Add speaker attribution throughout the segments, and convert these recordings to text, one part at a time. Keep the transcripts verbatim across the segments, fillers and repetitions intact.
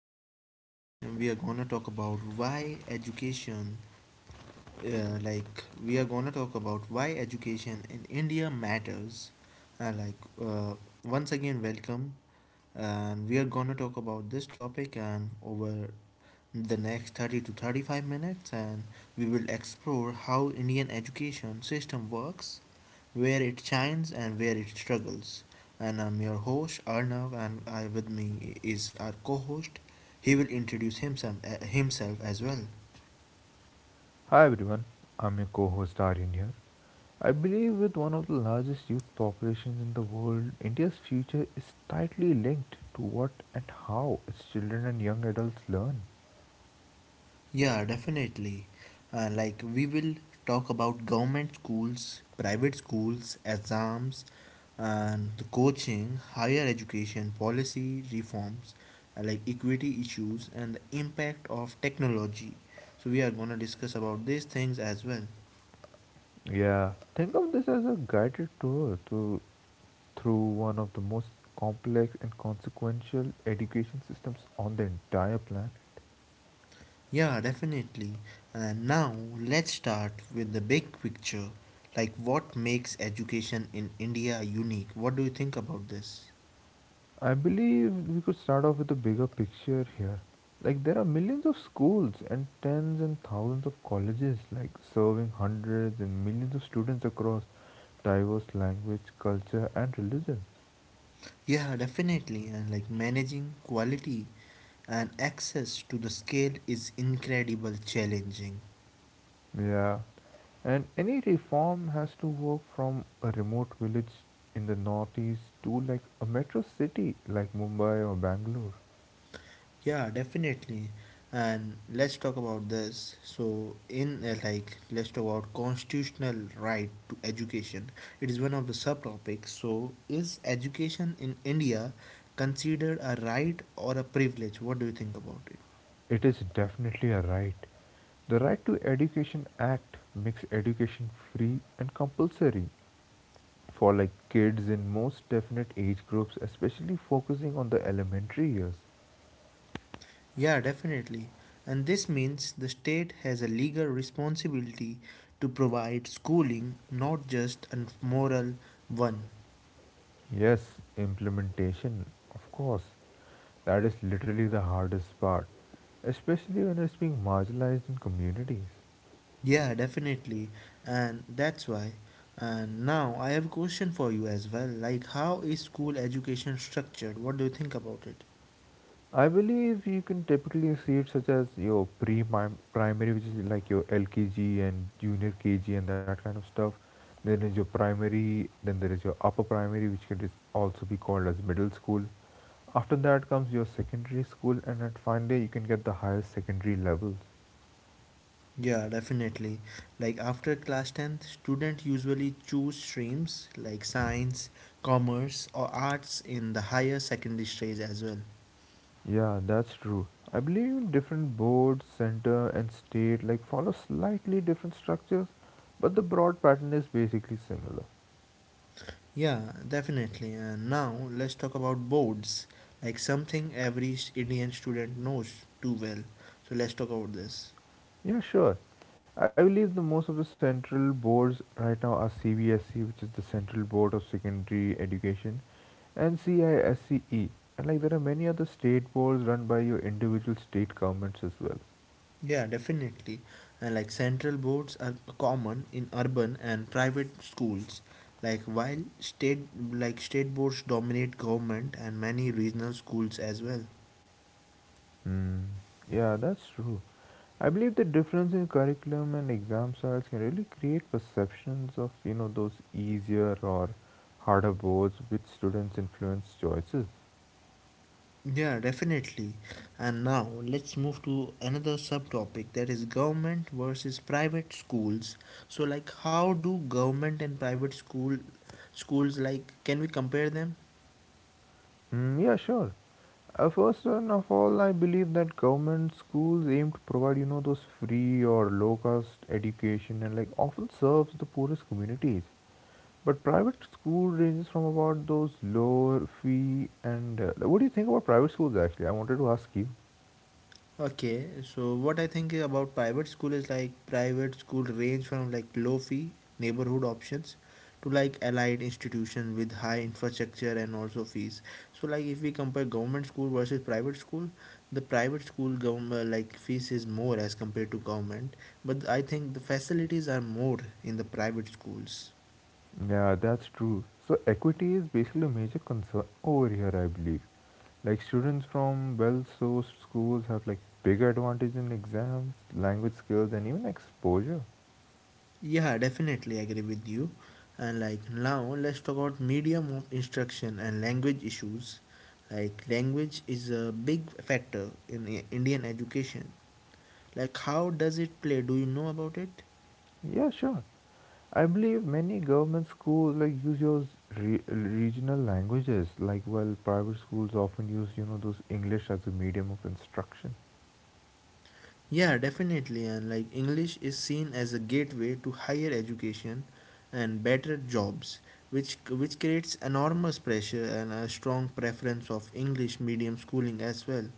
Speaker 1: and today we are gonna talk about why education, uh, like we are gonna talk about why education in India matters. Uh, like uh, once again, welcome, and we are gonna talk about this topic and over the next thirty to thirty-five minutes, and we will explore how Indian education system works, where it shines and where it struggles. And I'm your host Arnav, and I with me is our co-host. He will introduce himself, eh, himself as well.
Speaker 2: Hi everyone, I'm your co host Aryan here. I believe with one of the largest youth populations in the world, India's future is tightly linked to what and how its children and young adults learn.
Speaker 1: Yeah, definitely. Uh, like we will talk about government schools, private schools, exams, and the coaching, higher education policy reforms, uh, like equity issues and the impact of technology. So we are going to discuss about these things as well.
Speaker 2: Yeah, think of this as a guided tour to, through one of the most complex and consequential education systems on the entire planet.
Speaker 1: Yeah, definitely. And now let's start with the big picture. Like what makes education in India unique? What do you think about this?
Speaker 2: I believe we could start off with a bigger picture here. Like, there are millions of schools and tens and thousands of colleges, like, serving hundreds and millions of students across diverse language, culture, and religions.
Speaker 1: Yeah, definitely. And like managing quality and access to the scale is incredible challenging.
Speaker 2: Yeah. And any reform has to work from a remote village in the northeast to like a metro city like Mumbai or Bangalore.
Speaker 1: Yeah, definitely. And let's talk about this. So, in uh, like, let's talk about constitutional right to education. It is one of the subtopics. So, is education in India considered a right or a privilege? What do you think about it?
Speaker 2: It is definitely a right. The Right to Education Act makes education free and compulsory for like kids in most definite age groups, especially focusing on the elementary years.
Speaker 1: Yeah, definitely. And this means the state has a legal responsibility to provide schooling, not just a moral one.
Speaker 2: Yes, implementation, of course. That is literally the hardest part, especially when it's being marginalized in communities.
Speaker 1: Yeah, definitely. And that's why. And now I have a question for you as well. Like, how is school education structured? What do you think about it?
Speaker 2: I believe you can typically see it such as your pre-primary, which is like your L K G and junior K G and that kind of stuff. Then is your primary, then there is your upper primary, which can is also be called as middle school. After that comes your secondary school, and at finally you can get the higher secondary levels.
Speaker 1: Yeah, definitely. Like after class tenth, students usually choose streams like science, commerce, or arts in the higher secondary stage as well.
Speaker 2: Yeah, that's true. I believe different boards, center, and state like follow slightly different structures, but the broad pattern is basically similar.
Speaker 1: Yeah, definitely. And now let's talk about boards, like something every s- Indian student knows too well. So let's talk about this.
Speaker 2: Yeah, sure. I believe the most of the central boards right now are C B S E, which is the Central Board of Secondary Education, and C I S C E. And like there are many other state boards run by your individual state governments as well.
Speaker 1: Yeah, definitely. And like central boards are common in urban and private schools. Like while state like state boards dominate government and many regional schools as well.
Speaker 2: Hmm. Yeah, that's true. I believe the difference in curriculum and exam styles can really create perceptions of you know those easier or harder boards which students influence choices.
Speaker 1: Yeah, definitely. And now let's move to another subtopic that is government versus private schools. So like how do government and private school schools like can we compare them?
Speaker 2: Mm, yeah, sure. Uh, first and of all, I believe that government schools aim to provide, you know, those free or low-cost education and like often serves the poorest communities. But private school ranges from about those lower fee and uh, what do you think about private schools actually? I wanted to ask you.
Speaker 1: Okay, so what I think about private school is like private school range from like low fee neighborhood options to like allied institution with high infrastructure and also fees. So like if we compare government school versus private school, the private school government like fees is more as compared to government, but I think the facilities are more in the private schools.
Speaker 2: Yeah, that's true. So equity is basically a major concern over here, I believe. Like students from well-sourced schools have like bigger advantage in exams, language skills, and even exposure.
Speaker 1: Yeah, definitely agree with you. And like now, let's talk about medium of instruction and language issues. Like language is a big factor in I- Indian education. Like how does it play? Do you know about it?
Speaker 2: Yeah, sure. I believe many government schools like use those re- regional languages, like while private schools often use you know those English as a medium of instruction.
Speaker 1: Yeah, definitely. And like English is seen as a gateway to higher education and better jobs, which which creates enormous pressure and a strong preference of English medium schooling as well.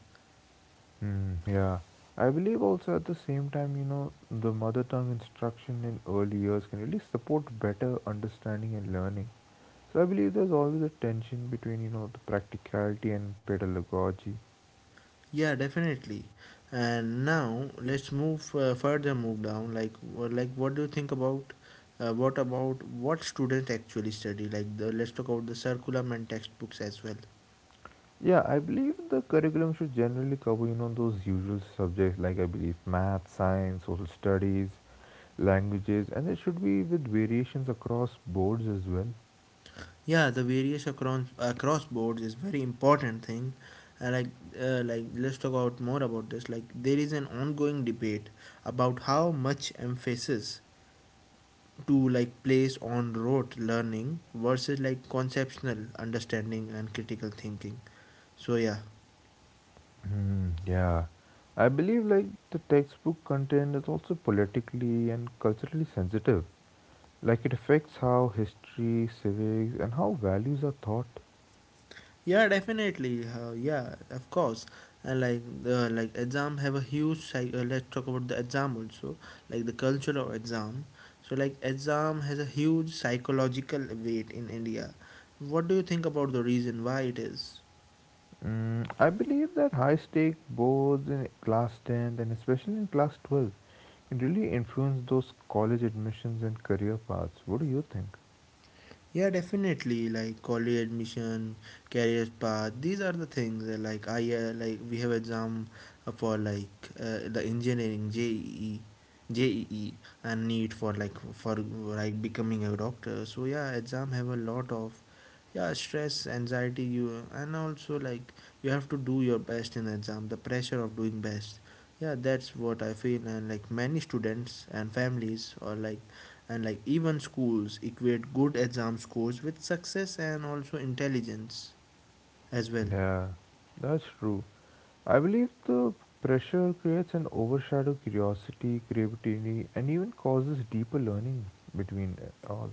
Speaker 2: Hmm. Yeah. I believe also at the same time, you know, the mother tongue instruction in early years can really support better understanding and learning. So I believe there's always a tension between you know the practicality and pedagogy.
Speaker 1: Yeah, definitely. And now let's move uh, further move down like wha- like what do you think about uh, what about what students actually study. Like the let's talk about the curriculum and textbooks as well.
Speaker 2: Yeah, I believe the curriculum should generally cover, you know, those usual subjects like I believe math, science, social studies, languages, and it should be with variations across boards as well.
Speaker 1: Yeah, the various across across boards is very important thing. Uh, like uh, like let's talk about more about this. Like there is an ongoing debate about how much emphasis to like place on rote learning versus like conceptual understanding and critical thinking. so yeah
Speaker 2: Hmm, yeah. I believe like the textbook content is also politically and culturally sensitive. Like it affects how history, civics, and how values are taught.
Speaker 1: yeah definitely. Uh, yeah of course. And like the like exam have a huge psych- uh, let's talk about the exam also, like the culture of exam. So like exam has a huge psychological weight in India. What do you think about the reason why it is?
Speaker 2: Mm, I believe that high stake boards in class tenth and especially in class twelve can really influence those college admissions and career paths. What do you think?
Speaker 1: Yeah, definitely. Like college admission, career path. These are the things. Uh, like I uh, like we have exam uh, for like uh, the engineering J E E, and need for like for like becoming a doctor. So yeah, exam have a lot of yeah stress, anxiety. You and also like you have to do your best in exam. The pressure of doing best. Yeah, that's what I feel. And like many students and families are like, and like even schools equate good exam scores with success and also intelligence as well.
Speaker 2: Yeah, that's true. I believe the pressure creates an overshadow curiosity, creativity, and even causes deeper learning between uh, all.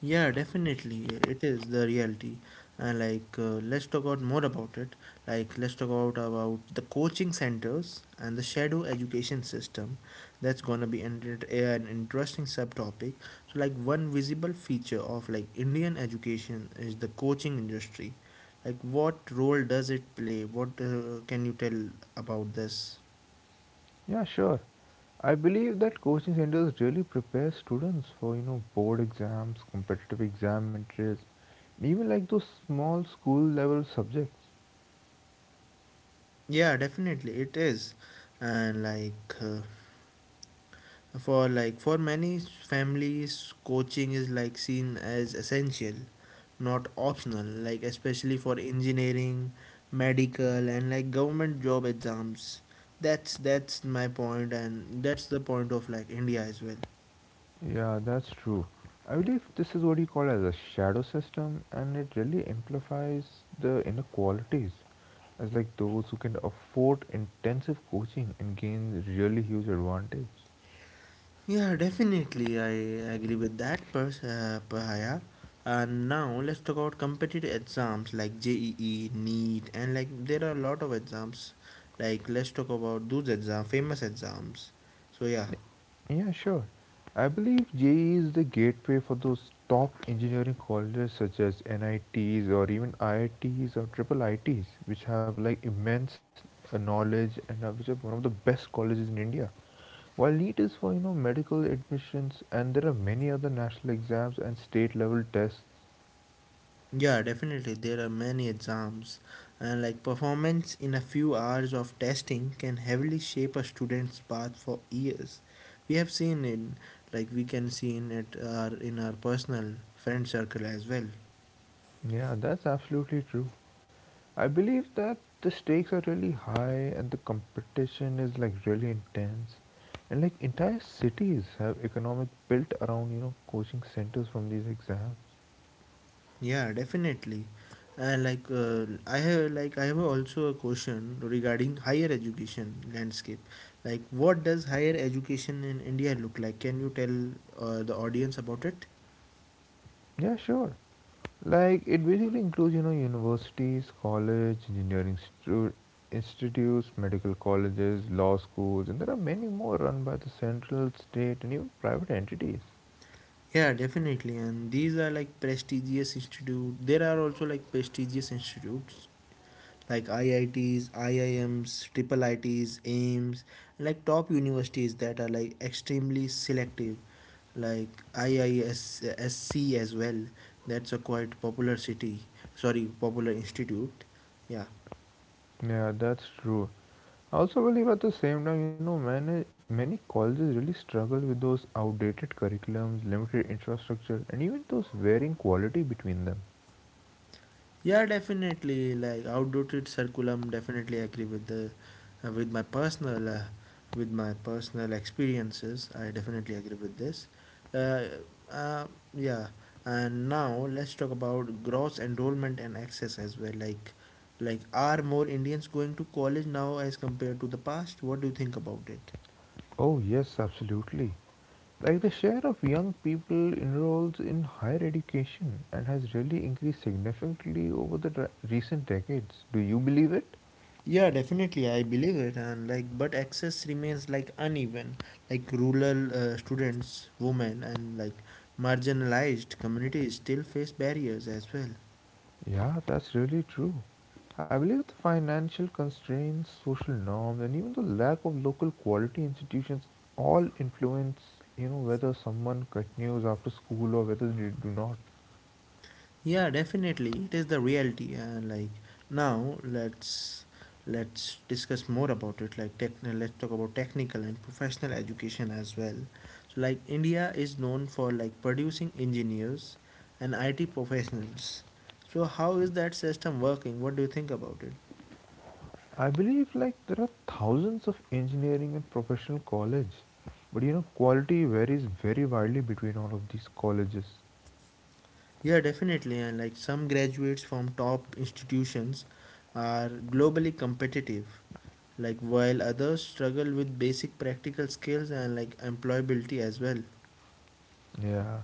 Speaker 1: Yeah, definitely it is the reality. And like uh, let's talk out more about it. Like let's talk out about the coaching centers and the shadow education system. That's gonna be an, an interesting subtopic. So like one visible feature of like Indian education is the coaching industry. Like what role does it play? What uh, Can you tell about this?
Speaker 2: Yeah, sure. I believe that coaching centers really prepare students for, you know, board exams, competitive exam entries, and even like those small school level subjects.
Speaker 1: Yeah, definitely it is. And like uh, for like for many families coaching is like seen as essential, not optional, like especially for engineering, medical, and like government job exams. That's that's my point, and that's the point of like India as well.
Speaker 2: Yeah, that's true. I believe this is what you call as a shadow system, and it really amplifies the inequalities, as like those who can afford intensive coaching and gain really huge advantage.
Speaker 1: Yeah, definitely. I agree with that, pers- uh, Pahaya. And now let's talk about competitive exams like J E E, NEET, and like there are a lot of exams. Like let's talk about those exams, famous exams. So yeah,
Speaker 2: Yeah, sure. I believe J E E is the gateway for those top engineering colleges such as N I Ts or even I I Ts or triple I Ts, which have like immense uh, knowledge and are which are one of the best colleges in India. While NEET is for you know medical admissions, and there are many other national exams and state level tests.
Speaker 1: yeah, definitely there are many exams, and like performance in a few hours of testing can heavily shape a student's path for years. We have seen it, like we can see in it our in our personal friend circle as well.
Speaker 2: Yeah, that's absolutely true. I believe that the stakes are really high and the competition is like really intense. And like entire cities have economic built around, you know, coaching centers from these exams.
Speaker 1: Yeah, definitely. And like uh, I have like I have also a question regarding higher education landscape. Like what does higher education in India look like? Can you tell uh, the audience about it?
Speaker 2: Yeah, sure. Like it basically includes, you know, universities, college, engineering stu- institutes, medical colleges, law schools, and there are many more run by the central, state, and even private entities.
Speaker 1: Yeah, definitely. And these are like prestigious institute. There are also like prestigious institutes like I I Ts, I I Ms, triple I Ts, AIMS, and like top universities that are like extremely selective, like I I S C as well. That's a quite popular city, sorry, popular institute. Yeah.
Speaker 2: Yeah, that's true. Also believe at the same time, you know, many, many colleges really struggle with those outdated curriculums, limited infrastructure, and even those varying quality between them.
Speaker 1: Yeah, definitely. Like outdated curriculum, definitely agree with the uh, with my personal uh, with my personal experiences. I definitely agree with this. Uh, uh, yeah, and now let's talk about gross enrollment and access as well. Like, like are more Indians going to college now as compared to the past? What do you think about it?
Speaker 2: Oh, yes, absolutely. Like the share of young people enrolls in higher education and has really increased significantly over the dra- recent decades. Do you believe it?
Speaker 1: Yeah, definitely, I believe it, and like, but access remains like uneven. Like rural uh, students, women, and like marginalized communities still face barriers as well.
Speaker 2: Yeah, that's really true. I believe the financial constraints, social norms, and even the lack of local quality institutions all influence, you know, whether someone continues after school or whether they do not.
Speaker 1: Yeah, definitely, it is the reality, and like now let's let's discuss more about it. Like, tech, let's talk about technical and professional education as well. So, like, India is known for like producing engineers and I T professionals. So, how is that system working? What do you think about it?
Speaker 2: I believe like there are thousands of engineering and professional college, but you know, quality varies very widely between all of these colleges.
Speaker 1: Yeah, definitely. And like some graduates from top institutions are globally competitive, like while others struggle with basic practical skills and like employability as well.
Speaker 2: Yeah.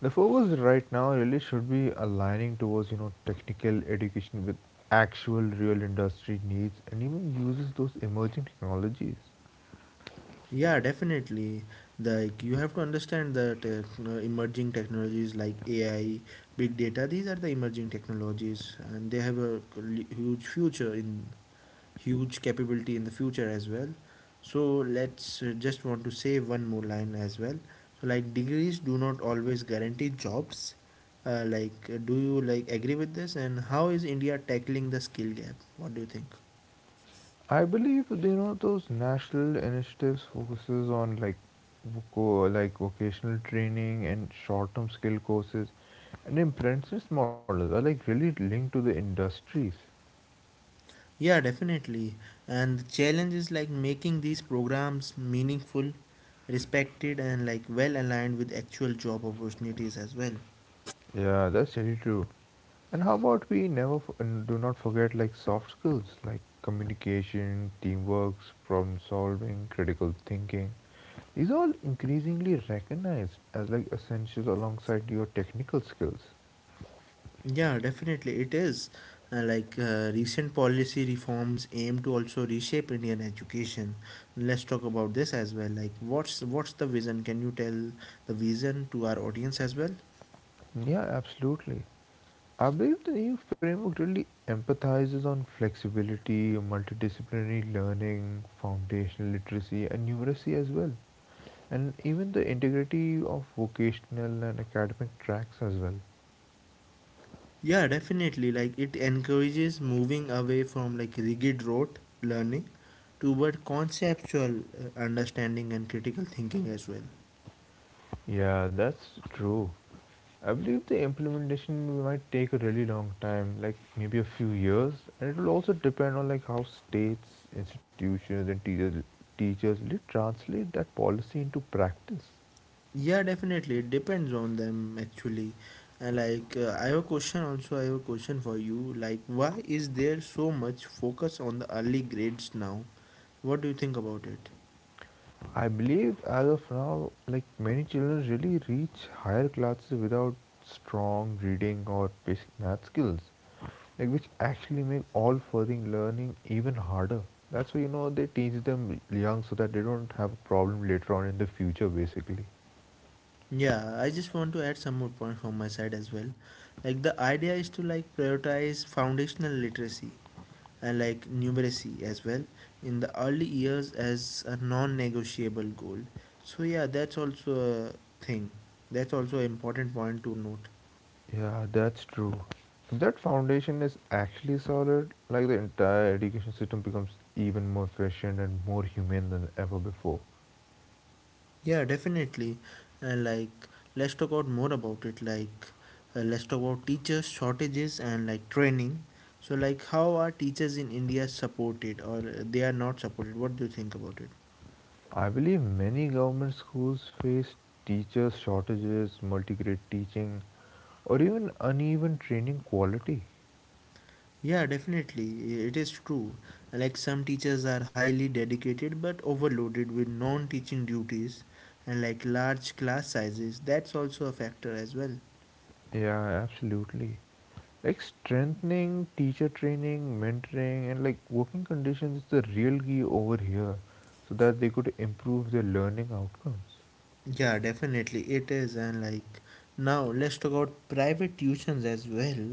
Speaker 2: The focus right now really should be aligning towards, you know, technical education with actual real industry needs and even uses those emerging technologies.
Speaker 1: Yeah, definitely. Like you have to understand that uh, emerging technologies like A I, big data, these are the emerging technologies and they have a huge future in huge capability in the future as well. So let's uh, just want to say one more line as well. So like degrees do not always guarantee jobs. Uh, like uh, do you like agree with this, and how is India tackling the skill gap? What do you think?
Speaker 2: I believe, you know, those national initiatives focuses on like voco- like vocational training and short-term skill courses and apprentice models are like really linked to the industries.
Speaker 1: Yeah, definitely. And the challenge is like making these programs meaningful, respected, and like well aligned with actual job opportunities as well.
Speaker 2: Yeah, that's really true. And how about we never f- and do not forget like soft skills like communication, teamwork, problem solving, critical thinking. These are all increasingly recognized as like essentials alongside your technical skills.
Speaker 1: Yeah, definitely it is. Uh, like uh, recent policy reforms aim to also reshape Indian education. Let's talk about this as well. Like, what's what's the vision? Can you tell the vision to our audience as well?
Speaker 2: Yeah, absolutely. I believe the new framework really empathizes on flexibility, multidisciplinary learning, foundational literacy, and numeracy as well, and even the integrity of vocational and academic tracks as well.
Speaker 1: Yeah, definitely. Like, it encourages moving away from like rigid rote learning toward conceptual uh, understanding and critical thinking as well.
Speaker 2: Yeah, that's true. I believe the implementation might take a really long time, like maybe a few years, and it will also depend on like how states, institutions, and teachers teachers really translate that policy into practice.
Speaker 1: Yeah, definitely. It depends on them actually. And like, uh, I have a question also. I have a question for you. Like, why is there so much focus on the early grades now? What do you think about it?
Speaker 2: I believe as of now, like many children really reach higher classes without strong reading or basic math skills, like which actually make all further learning even harder. That's why you know they teach them young so that they don't have a problem later on in the future, basically.
Speaker 1: Yeah, I just want to add some more points from my side as well. Like, the idea is to like prioritize foundational literacy and like numeracy as well in the early years as a non-negotiable goal. So yeah, that's also a thing. That's also an important point to note.
Speaker 2: Yeah, that's true. If that foundation is actually solid, like the entire education system becomes even more efficient and more humane than ever before.
Speaker 1: Yeah, definitely. And like, let's talk out more about it. Like, uh, let's talk about teachers shortages and like training. So, like, how are teachers in India supported or uh, they are not supported? What do you think about it?
Speaker 2: I believe many government schools face teachers shortages, multi-grade teaching, or even uneven training quality.
Speaker 1: Yeah, definitely. i- It is true. Like some teachers are highly dedicated but overloaded with non teaching duties and like large class sizes. That's also a factor as well.
Speaker 2: Yeah, absolutely. Like strengthening teacher training, mentoring, and like working conditions is the real key over here so that they could improve their learning outcomes.
Speaker 1: Yeah, definitely it is. And like now, let's talk about private tuitions as well.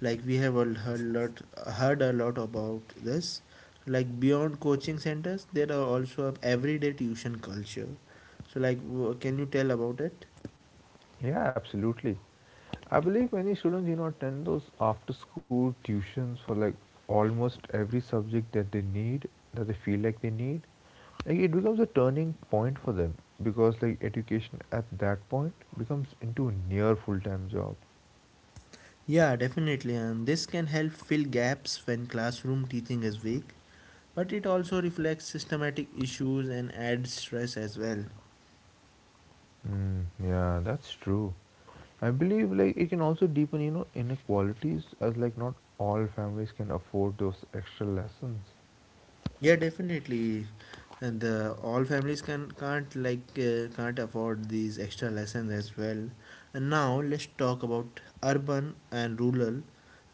Speaker 1: Like we have all heard lot heard a lot about this. Like beyond coaching centers, there are also a everyday tuition culture. So like, w- can you tell about it?
Speaker 2: Yeah, absolutely. I believe many students, you know, attend those after school tuitions for like almost every subject that they need, that they feel like they need. Like it becomes a turning point for them because like education at that point becomes into a near full-time job.
Speaker 1: Yeah, definitely. And this can help fill gaps when classroom teaching is weak, but it also reflects systematic issues and adds stress as well.
Speaker 2: Mm, yeah, that's true. I believe like it can also deepen, you know, inequalities as like not all families can afford those extra lessons.
Speaker 1: Yeah, definitely. And the, all families can can't like uh, can't afford these extra lessons as well. And now let's talk about urban and rural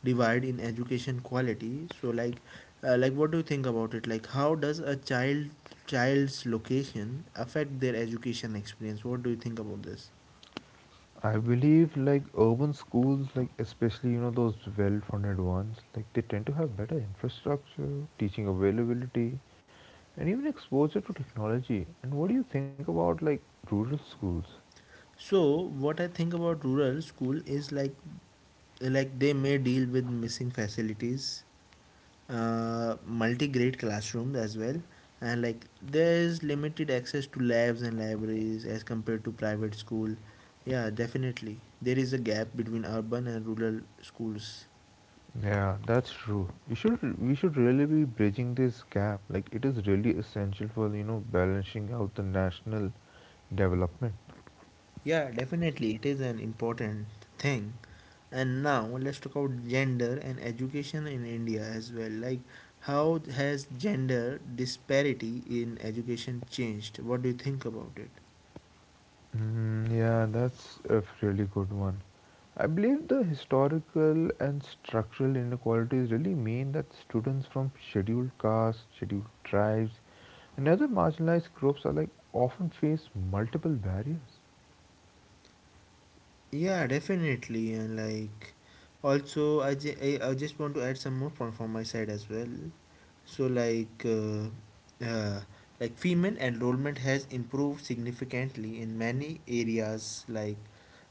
Speaker 1: divide in education quality. So like uh, like what do you think about it? Like how does a child child's location affect their education experience? What do you think about this?
Speaker 2: I believe like urban schools, like especially you know those well-funded ones, like they tend to have better infrastructure, teaching availability, and even exposure to technology. And what do you think about like rural schools?
Speaker 1: So what I think about rural school is like like they may deal with missing facilities, uh, multi-grade classrooms as well, and like there is limited access to labs and libraries as compared to private school. Yeah, definitely there is a gap between urban and rural schools.
Speaker 2: Yeah, that's true. You should we should really be bridging this gap. Like it is really essential for you know balancing out the national development.
Speaker 1: Yeah, definitely it is an important thing. And now let's talk about gender and education in India as well. Like, how has gender disparity in education changed? What do you think about it?
Speaker 2: Mm, yeah, that's a really good one. I believe the historical and structural inequalities really mean that students from scheduled castes, scheduled tribes, and other marginalized groups are like often face multiple barriers.
Speaker 1: Yeah, definitely. And like, also, I, ju- I, I just want to add some more from, from my side as well. So, like, uh, uh, like female enrollment has improved significantly in many areas, like,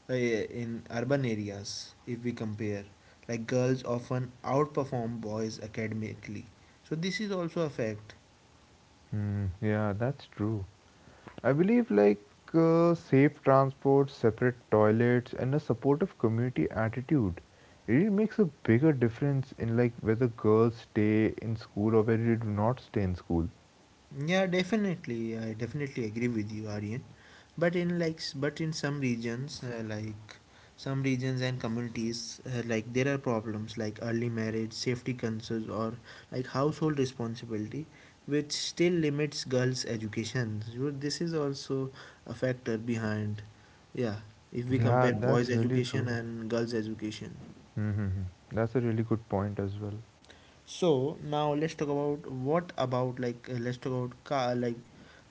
Speaker 1: uh, in urban areas, if we compare. Like, girls often outperform boys academically. So, this is also a fact.
Speaker 2: Mm, yeah, that's true. I believe like uh, safe transport, separate toilets, and a supportive community attitude really makes a bigger difference in like whether girls stay in school or whether they do not stay in school.
Speaker 1: Yeah, definitely. I definitely agree with you, Aryan. But in like, s- but in some regions, uh, like some regions and communities, uh, like there are problems like early marriage, safety concerns, or like household responsibility, which still limits girls' education. So this is also a factor behind, yeah. If we
Speaker 2: Yeah,
Speaker 1: compare boys'
Speaker 2: that's really
Speaker 1: education
Speaker 2: true.
Speaker 1: and girls' education.
Speaker 2: Mm-hmm. That's a really good point as well.
Speaker 1: So now let's talk about what about like uh, let's talk about ca- like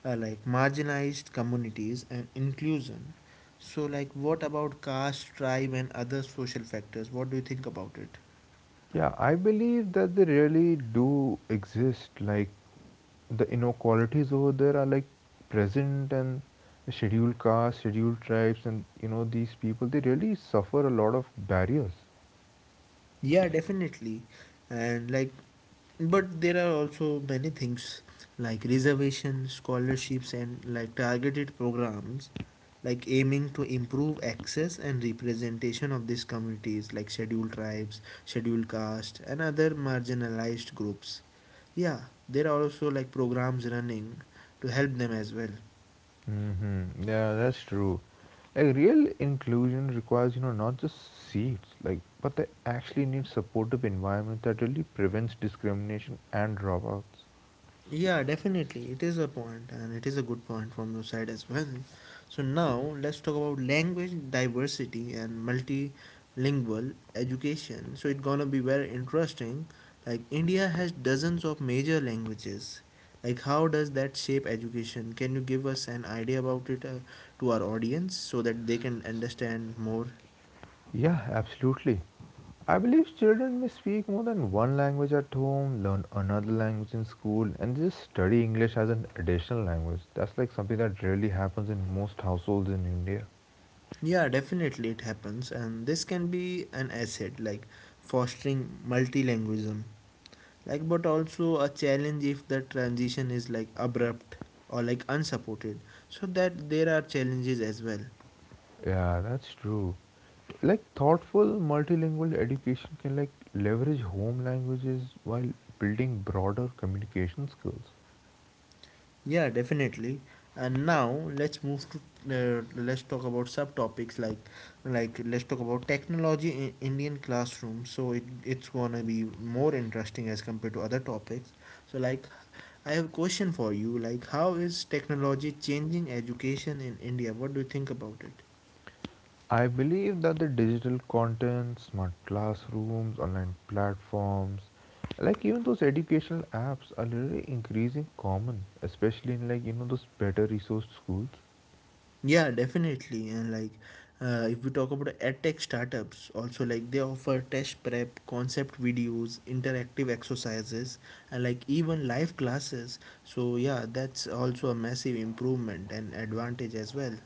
Speaker 1: uh, like marginalized communities and inclusion. So like what about caste, tribe, and other social factors? What do you think about it?
Speaker 2: Yeah, I believe that they really do exist. Like the inequalities over there are like present and the scheduled castes, scheduled tribes, and you know these people they really suffer a lot of barriers.
Speaker 1: Yeah, definitely. And like, but there are also many things like reservations, scholarships, and like targeted programs, like aiming to improve access and representation of these communities, like scheduled tribes, scheduled caste, and other marginalized groups. Yeah, there are also like programs running to help them as well.
Speaker 2: Mm-hmm. Yeah, that's true. Like real inclusion requires you know not just seats, like but they actually need supportive environment that really prevents discrimination and dropouts.
Speaker 1: Yeah, definitely. It is a point, and it is a good point from your side as well. So, now let's talk about language diversity and multilingual education. So, it's gonna be very interesting. Like, India has dozens of major languages. Like, how does that shape education? Can you give us an idea about it uh, to our audience so that they can understand more?
Speaker 2: Yeah, absolutely. I believe children may speak more than one language at home, learn another language in school, and just study English as an additional language. That's like something that rarely happens in most households in India.
Speaker 1: Yeah, definitely it happens, and this can be an asset, like fostering multilingualism, like but also a challenge if the transition is like abrupt or like unsupported, so that there are challenges as well.
Speaker 2: Yeah, that's true. Like thoughtful multilingual education can like leverage home languages while building broader communication skills.
Speaker 1: Yeah, definitely. And now let's move to, uh, let's talk about subtopics like, like let's talk about technology in Indian classroom. So it, it's gonna be more interesting as compared to other topics. So like, I have a question for you. Like, how is technology changing education in India? What do you think about it?
Speaker 2: I believe that the digital content, smart classrooms, online platforms, like even those educational apps are literally increasing common, especially in like you know those better resourced schools.
Speaker 1: Yeah, definitely. And like, uh, if we talk about edtech startups, also, like, they offer test prep, concept videos, interactive exercises, and like even live classes. So yeah, that's also a massive improvement and advantage as well.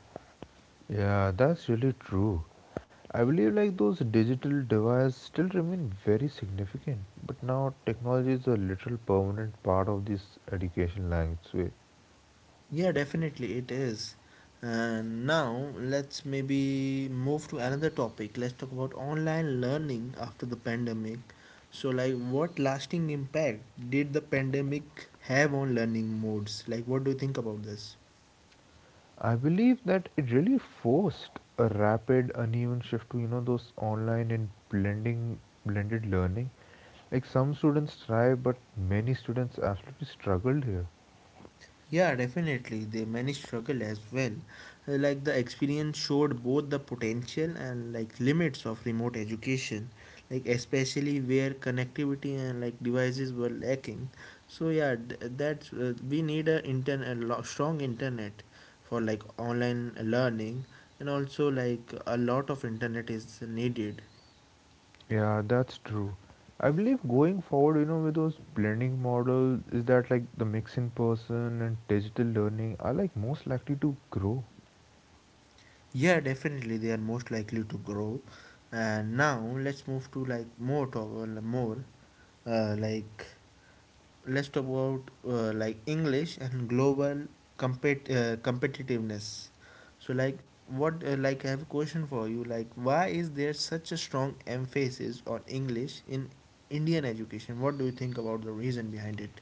Speaker 2: Yeah, that's really true. I believe like those digital devices still remain very significant, but now technology is a literal permanent part of this education landscape.
Speaker 1: Yeah, definitely it is. And now let's maybe move to another topic. Let's talk about online learning after the pandemic. So, like, what lasting impact did the pandemic have on learning modes? Like, what do you think about this?
Speaker 2: I believe that it really forced a rapid, uneven shift to you know those online and blending blended learning. Like some students thrive, but many students absolutely struggled here.
Speaker 1: Yeah, definitely. They many struggle as well. Uh, Like the experience showed both the potential and like limits of remote education, like especially where connectivity and like devices were lacking. So yeah, th- that's uh, we need a internet, a lo- strong internet for like online learning, and also like a lot of internet is needed.
Speaker 2: Yeah, that's true. I believe going forward, you know, with those blending models, is that like the mix in person and digital learning are like most likely to grow.
Speaker 1: Yeah, definitely they are most likely to grow. And now let's move to like more, talk more, uh, like let's talk about, uh, like English and global compet uh, competitiveness. So like, what uh, like I have a question for you. Like, why is there such a strong emphasis on English in Indian education? What do you think about the reason behind it?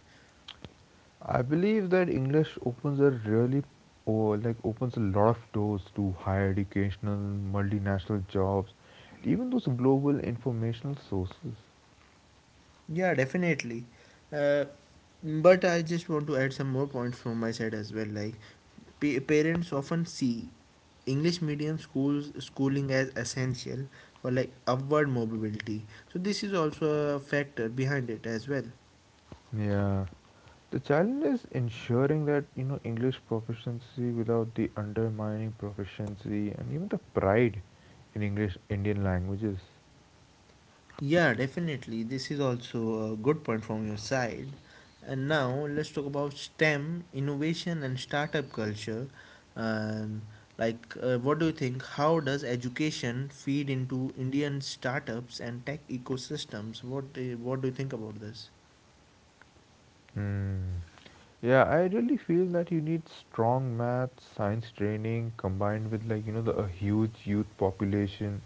Speaker 2: I believe that English opens a really or like opens a lot of doors to higher educational, multinational jobs, even those global informational sources.
Speaker 1: Yeah, definitely. Uh, but I just want to add some more points from my side as well. Like, Pa- parents often see English medium schools schooling as essential for like upward mobility. So this is also a factor behind it as well.
Speaker 2: Yeah. The challenge is ensuring that you know English proficiency without the undermining proficiency and even the pride in English Indian languages.
Speaker 1: Yeah, definitely. This is also a good point from your side. And now let's talk about STEM, innovation, and startup culture. Um, like, uh, what do you think? How does education feed into Indian startups and tech ecosystems? What do you, what do you think about this?
Speaker 2: Hmm. Yeah, I really feel that you need strong math, science training combined with like you know the a huge youth population,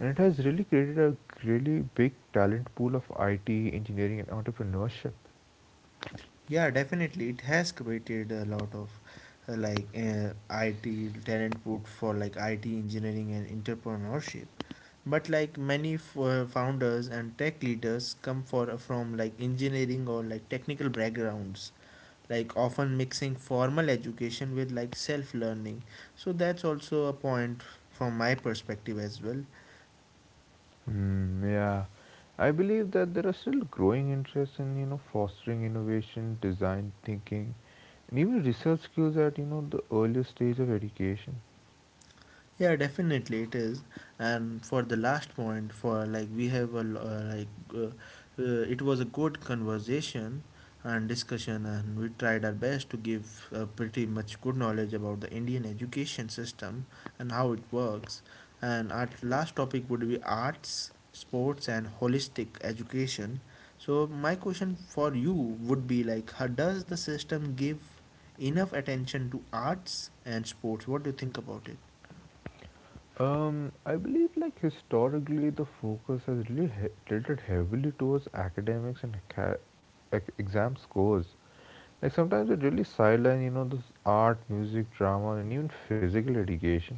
Speaker 2: and it has really created a really big talent pool of I T, engineering, and entrepreneurship.
Speaker 1: Yeah, definitely. It has created a lot of, uh, like uh, I T talent pool for like I T engineering and entrepreneurship. But like many f- uh, founders and tech leaders come for uh, from like engineering or like technical backgrounds, like often mixing formal education with like self-learning. So that's also a point from my perspective as well.
Speaker 2: Mm, yeah, I believe that there are still growing interests in you know fostering innovation, design thinking, and even research skills at you know the earliest stage of education.
Speaker 1: Yeah, definitely it is. And for the last point, for like we have a lo- uh, like uh, uh, it was a good conversation and discussion, and we tried our best to give, uh, pretty much, good knowledge about the Indian education system and how it works. And our last topic would be arts, sports, and holistic education. So my question for you would be like, how does the system give enough attention to arts and sports? What do you think about it?
Speaker 2: Um, I believe like historically the focus has really he- tilted heavily towards academics and aca- ec- exam scores. Like sometimes it really sideline, you know, this art, music, drama, and even physical education.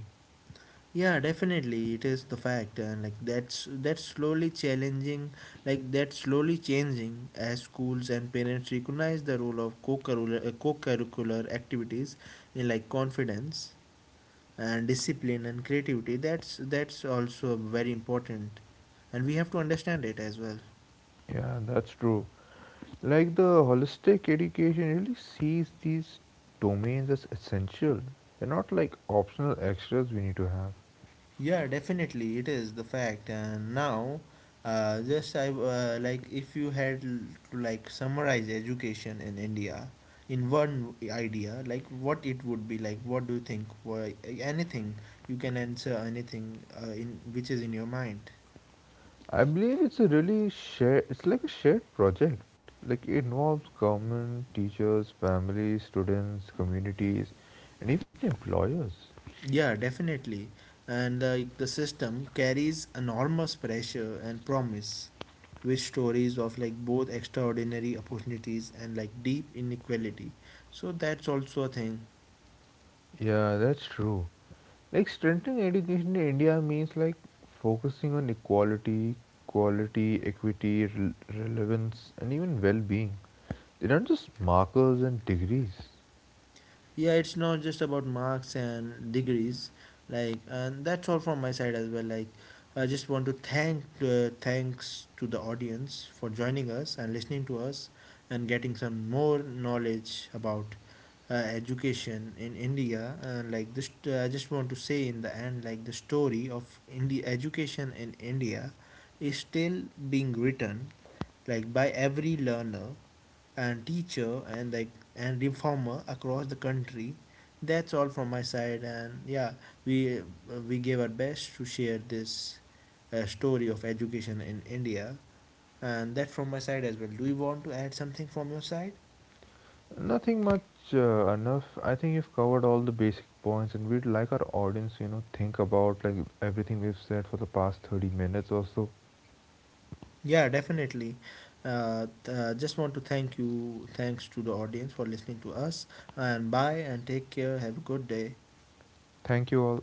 Speaker 1: Yeah, definitely it is the fact. And like that's that's slowly challenging, like that's slowly changing, as schools and parents recognize the role of co-curricular, uh, co-curricular activities in like confidence and discipline and creativity. That's that's also very important, and we have to understand it as well.
Speaker 2: Yeah, that's true. Like the holistic education really sees these domains as essential. They're not like optional extras we need to have.
Speaker 1: Yeah, definitely, it is the fact. And now, uh, just I uh, like if you had l- to like summarize education in India in one idea, like what it would be like. What do you think? Why, anything, you can answer anything, uh, in which is in your mind.
Speaker 2: I believe it's a really shared, it's like a shared project. Like it involves government, teachers, families, students, communities, and even employers.
Speaker 1: Yeah, definitely. And like the system carries enormous pressure and promise with stories of like both extraordinary opportunities and like deep inequality. So that's also a thing.
Speaker 2: Yeah, that's true. Like strengthening education in India means like focusing on equality, quality, equity, rel- relevance, and even well-being. They're not just markers and degrees.
Speaker 1: Yeah, it's not just about marks and degrees. Like, and that's all from my side as well. Like, I just want to thank, uh, thanks to the audience for joining us and listening to us, and getting some more knowledge about, uh, education in India. And like this, uh, I just want to say in the end, like, the story of india education in India is still being written, like, by every learner and teacher and like and reformer across the country. That's all from my side. And yeah, we we gave our best to share this, uh, story of education in India. And that from my side as well. Do you want to add something from your side?
Speaker 2: Nothing much, uh, enough. I think you've covered all the basic points, and we'd like our audience, you know, think about like everything we've said for the past thirty minutes or so.
Speaker 1: Yeah, definitely. Uh, th- uh, just want to thank you, thanks to the audience for listening to us. And bye and take care, have a good day.
Speaker 2: Thank you all.